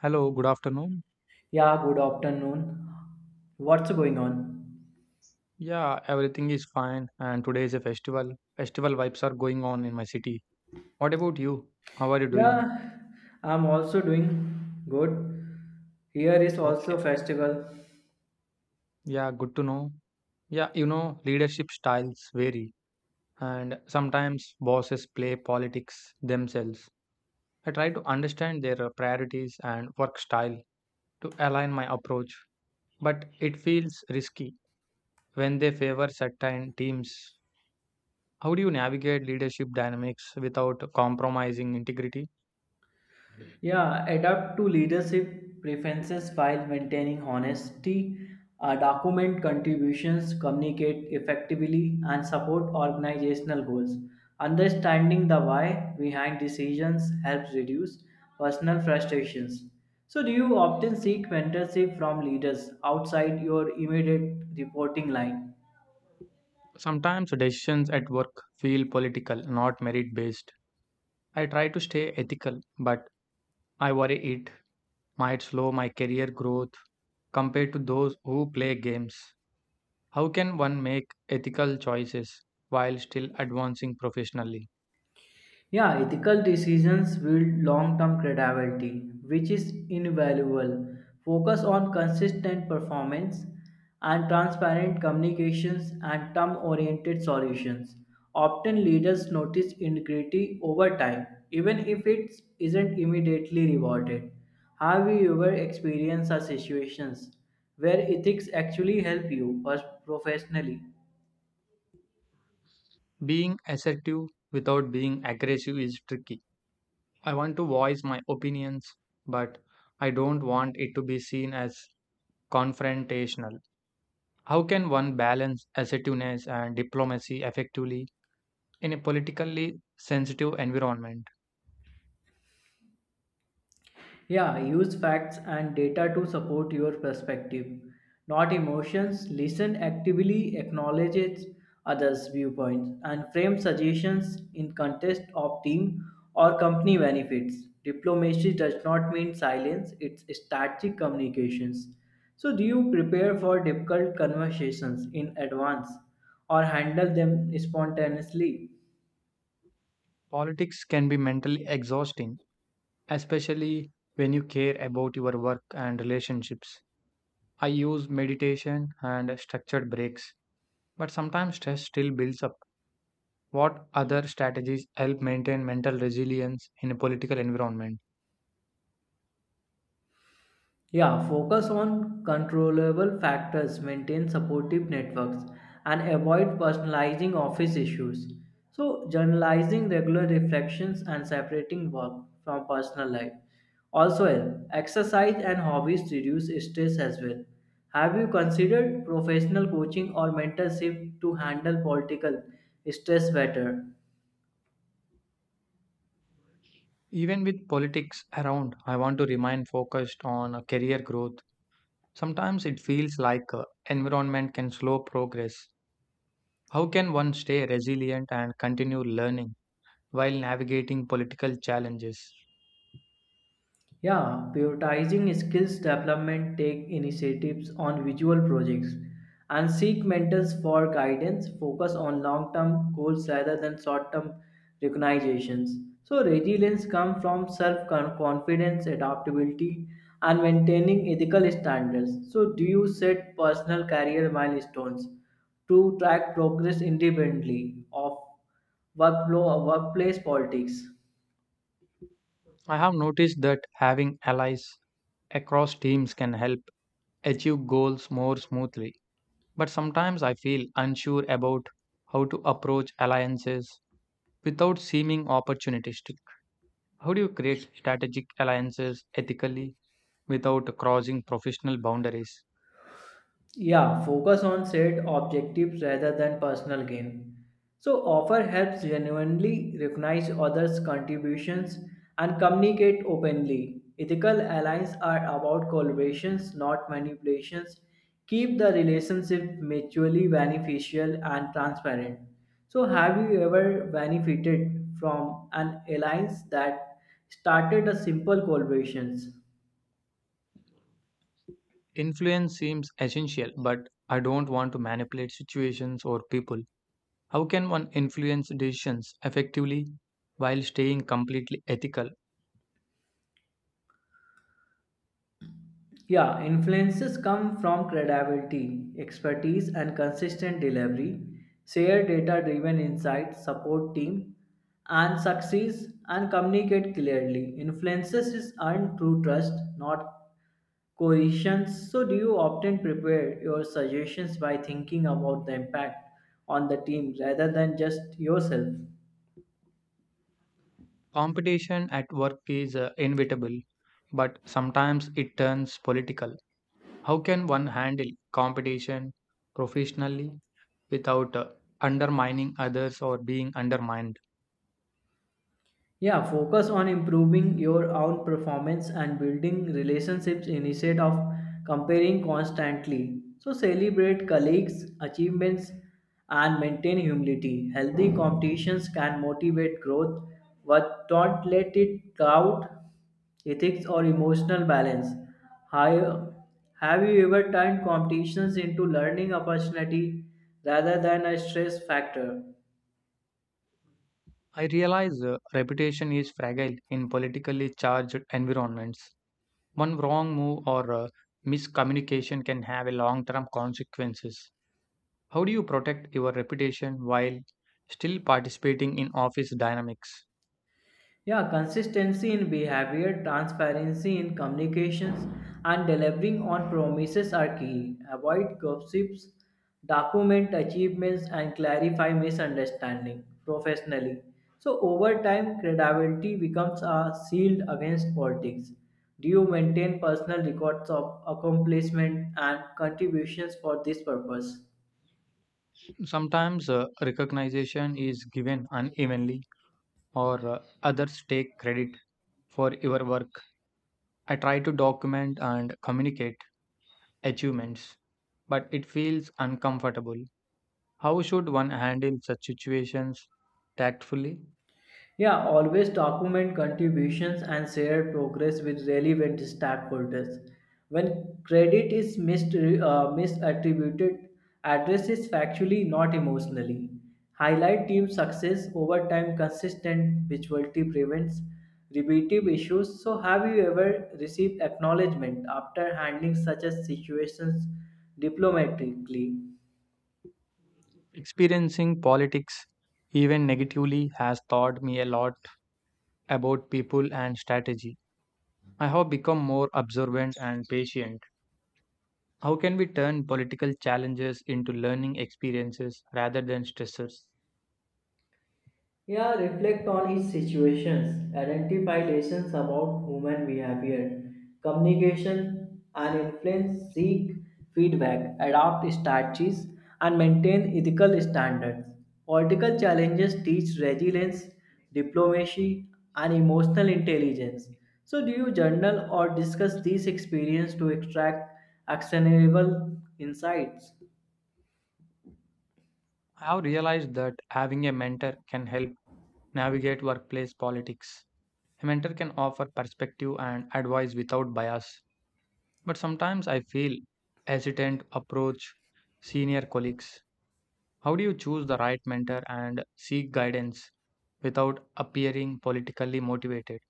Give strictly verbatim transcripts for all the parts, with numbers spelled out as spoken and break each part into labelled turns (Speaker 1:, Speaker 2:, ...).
Speaker 1: Hello, good afternoon.
Speaker 2: Yeah, good afternoon. What's going on?
Speaker 1: Yeah, everything is fine, and today is a festival. Festival vibes are going on in my city. What about you? How are you doing?
Speaker 2: Yeah, I'm also doing good. Here is also
Speaker 1: Okay.
Speaker 2: festival.
Speaker 1: Yeah, good to know. Yeah, you know, leadership styles vary, and sometimes bosses play politics themselves. I try to understand their uh, priorities and work style to align my approach, but it feels risky when they favor certain teams. How do you navigate leadership dynamics without compromising integrity?
Speaker 2: Yeah, adapt to leadership preferences while maintaining honesty, uh, document contributions, communicate effectively, and support organizational goals. Understanding the why behind decisions helps reduce personal frustrations. So, do you often seek mentorship from leaders outside your immediate reporting line?
Speaker 1: Sometimes decisions at work feel political, not merit based. I try to stay ethical, but I worry it might slow my career growth compared to those who play games. How can one make ethical choices while still advancing professionally?
Speaker 2: Yeah, ethical decisions build long term credibility, which is invaluable. Focus on consistent performance and transparent communications and term oriented solutions. Often leaders notice integrity over time, even if it isn't immediately rewarded. Have you ever experienced such situations where ethics actually help you pers- professionally?
Speaker 1: Being assertive without being aggressive is tricky. I want to voice my opinions, but I don't want it to be seen as confrontational. How can one balance assertiveness and diplomacy effectively? In a politically sensitive environment,
Speaker 2: Yeah, use facts and data to support your perspective, not emotions. Listen actively, acknowledge it- others' viewpoints, and frame suggestions in context of team or company benefits. Diplomacy does not mean silence, it's strategic communications. So, do you prepare for difficult conversations in advance or handle them spontaneously?
Speaker 1: politics can be mentally exhausting, especially when you care about your work and relationships. I use meditation and structured breaks, but sometimes stress still builds up. What other strategies help maintain mental resilience in a political environment?
Speaker 2: Yeah, focus on controllable factors, maintain supportive networks, and avoid personalizing office issues. So, journalizing regular reflections and separating work from personal life. Also, help. Exercise and hobbies reduce stress as well. Have you considered professional coaching or mentorship to handle political stress better?
Speaker 1: Even with politics around, I want to remain focused on uh, career growth. Sometimes it feels like uh, environment can slow progress. How can one stay resilient and continue learning while navigating political challenges?
Speaker 2: Yeah, prioritizing skills development, take initiatives on visual projects, and seek mentors for guidance. Focus on long term goals rather than short term recognitions. So, resilience comes from self confidence, adaptability, and maintaining ethical standards. So, do you set personal career milestones to track progress independently of workflow or workplace politics?
Speaker 1: I have noticed that having allies across teams can help achieve goals more smoothly, but sometimes I feel unsure about how to approach alliances without seeming opportunistic. How do you create strategic alliances ethically without crossing professional boundaries?
Speaker 2: Yeah, focus on shared objectives rather than personal gain. So, offer helps genuinely recognize others' contributions and communicate openly. Ethical alliances are about collaborations, not manipulations. Keep the relationship mutually beneficial and transparent. So, have you ever benefited from an alliance that started a simple collaborations?
Speaker 1: Influence seems essential, but I don't want to manipulate situations or people. How can one influence decisions effectively while staying completely ethical?
Speaker 2: Yeah, influences come from credibility, expertise, and consistent delivery, share data driven insights, support team, and success and communicate clearly. Influences is earned through trust, not coercions. So, do you often prepare your suggestions by thinking about the impact on the team rather than just yourself?
Speaker 1: Competition at work is uh, inevitable, but sometimes it turns political. How can one handle competition professionally without uh, undermining others or being undermined?
Speaker 2: Yeah, focus on improving your own performance and building relationships instead of comparing constantly. So, celebrate colleagues' achievements and maintain humility. Healthy competitions can motivate growth, but don't let it cloud ethics or emotional balance. Hi- Have you ever turned competitions into learning opportunity rather than a stress factor?
Speaker 1: I realize uh, reputation is fragile in politically charged environments. One wrong move or uh, miscommunication can have a long-term consequences. How do you protect your reputation while still participating in office dynamics?
Speaker 2: Yeah, consistency in behavior, transparency in communications, and delivering on promises are key. Avoid gossips, document achievements, and clarify misunderstanding professionally. So, over time, credibility becomes a shield against politics. Do you maintain personal records of accomplishment and contributions for this purpose?
Speaker 1: Sometimes uh, recognition is given unevenly, or uh, others take credit for your work. I try to document and communicate achievements, but it feels uncomfortable. How should one handle such situations tactfully?
Speaker 2: Yeah, always document contributions and share progress with relevant stakeholders. When credit is missed, uh, misattributed, address is factually, not emotionally. Highlight team success over time, consistent visuality prevents repetitive issues. So, have you ever received acknowledgement after handling such a situations diplomatically?
Speaker 1: Experiencing politics, even negatively, has taught me a lot about people and strategy. I have become more observant and patient. How can we turn political challenges into learning experiences rather than stressors?
Speaker 2: Yeah, reflect on his situations, identify lessons about human behavior, communication and influence, seek feedback, adopt strategies and maintain ethical standards. Political challenges teach resilience, diplomacy and emotional intelligence. So do you journal or discuss these experiences to extract actionable insights?
Speaker 1: I have realized that having a mentor can help navigate workplace politics. A mentor can offer perspective and advice without bias, but sometimes I feel hesitant to approach senior colleagues. How do you choose the right mentor and seek guidance without appearing politically motivated?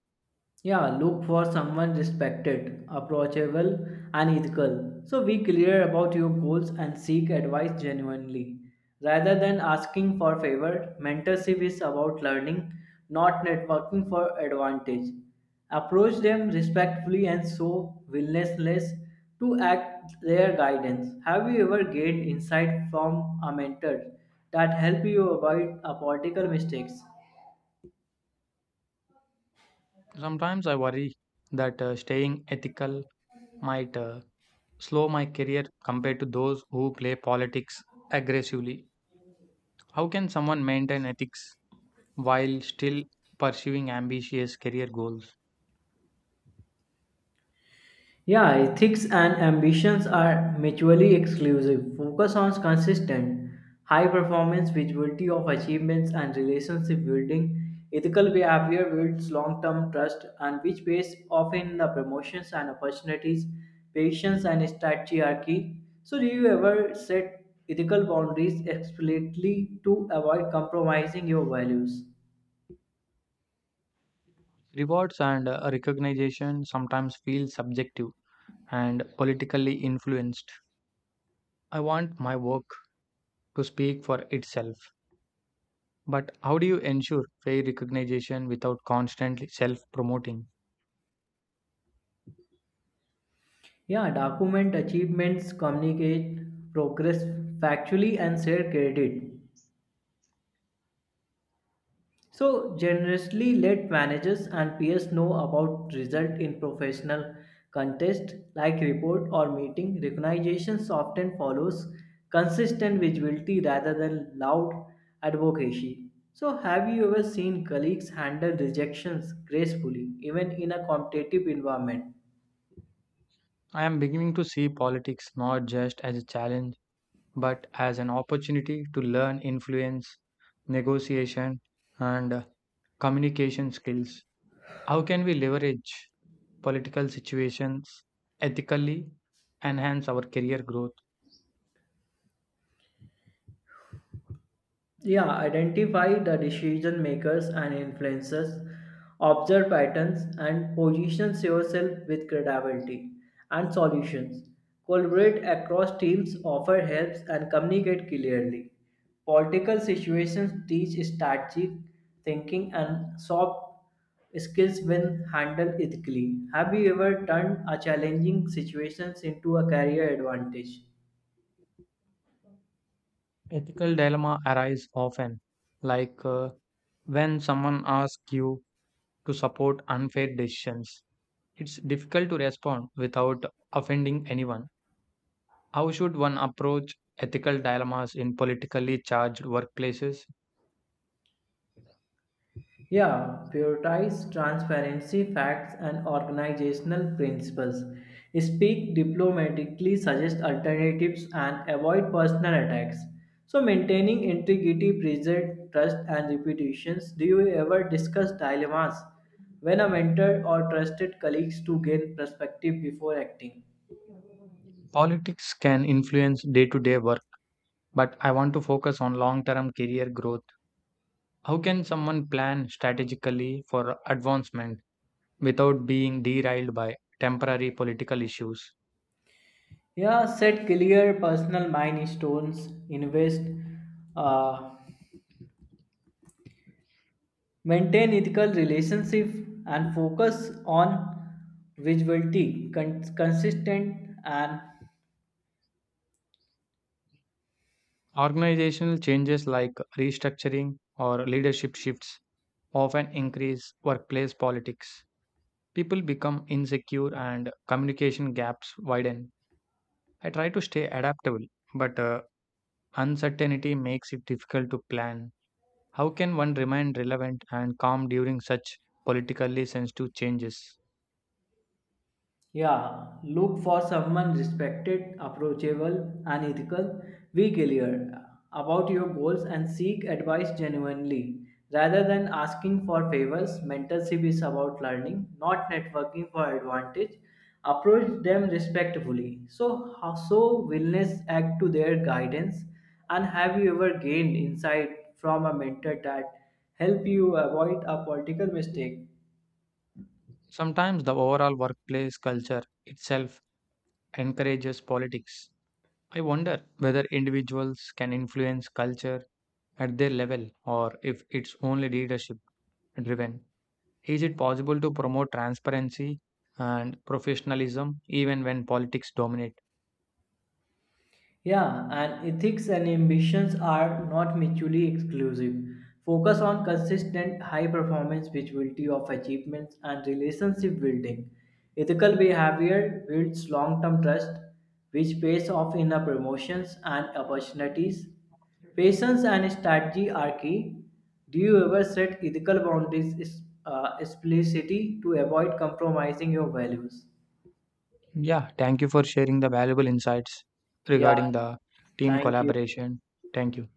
Speaker 2: Yeah, look for someone respected, approachable, and ethical. So be clear about your goals and seek advice genuinely. Rather than asking for favor, mentorship is about learning, not networking for advantage. Approach them respectfully and show willingness to act their guidance. Have you ever gained insight from a mentor that helped you avoid uh, political mistakes?
Speaker 1: Sometimes I worry that uh, staying ethical might uh, slow my career compared to those who play politics aggressively. How can someone maintain ethics while still pursuing ambitious career goals?
Speaker 2: Yeah, ethics and ambitions are mutually exclusive. Focus on consistent, high performance, visibility of achievements, and relationship building. Ethical behavior builds long term trust, and which pays off in the promotions and opportunities, patience, and strategy are key. So, do you ever set ethical boundaries explicitly to avoid compromising your values?
Speaker 1: Rewards and uh, recognition sometimes feel subjective and politically influenced. I want my work to speak for itself, but how do you ensure fair recognition without constantly self promoting?
Speaker 2: Yeah, document achievements, communicate progress factually, and share credit. So generously let managers and peers know about result in professional contest like report or meeting. Recognitions often follows consistent visibility rather than loud advocacy. So have you ever seen colleagues handle rejections gracefully even in a competitive environment?
Speaker 1: I am beginning to see politics not just as a challenge, but as an opportunity to learn influence, negotiation, and uh, communication skills. How can we leverage political situations ethically, enhance our career growth?
Speaker 2: Yeah, identify the decision makers and influencers, observe patterns, and position yourself with credibility and solutions. Collaborate across teams, offer helps, and communicate clearly. Political situations teach strategic thinking and soft skills when handled ethically. Have you ever turned a challenging situation into a career advantage?
Speaker 1: Ethical dilemma arise often, like uh, when someone asks you to support unfair decisions. It's difficult to respond without offending anyone. How should one approach ethical dilemmas in politically charged workplaces?
Speaker 2: Yeah, prioritize transparency, facts, and organizational principles. Speak diplomatically, suggest alternatives, and avoid personal attacks. So, maintaining integrity, preserve trust, and reputations. Do you ever discuss dilemmas when a mentor or trusted colleagues to gain perspective before acting?
Speaker 1: Politics can influence day to day work, but I want to focus on long term career growth. How can someone plan strategically for advancement without being derailed by temporary political issues?
Speaker 2: Yeah, set clear personal milestones, invest uh, maintain ethical relationship and focus on visibility, con- consistent and
Speaker 1: Organizational changes like restructuring or leadership shifts often increase workplace politics. People become insecure and communication gaps widen. I try to stay adaptable, but uh, uncertainty makes it difficult to plan. How can one remain relevant and calm during such politically sensitive changes?
Speaker 2: yeah, look for someone respected, approachable, and ethical. Be clear about your goals and seek advice genuinely. Rather than asking for favors, mentorship is about learning, not networking for advantage. Approach them respectfully. So, how- so willingness act to their guidance. And have you ever gained insight from a mentor that help you avoid a political mistake?
Speaker 1: Sometimes the overall workplace culture itself encourages politics. I wonder whether individuals can influence culture at their level or if it's only leadership driven. Is it possible to promote transparency and professionalism even when politics dominate?
Speaker 2: Yeah, and ethics and ambitions are not mutually exclusive. Focus on consistent high performance, visibility of achievements, and relationship building. Ethical behavior builds long term trust, which pays off in the promotions and opportunities. Patience and strategy are key. Do you ever set ethical boundaries is- uh, explicitly to avoid compromising your values?
Speaker 1: Yeah, thank you for sharing the valuable insights
Speaker 2: Yeah,
Speaker 1: regarding the team
Speaker 2: thank you.
Speaker 1: collaboration. Thank you.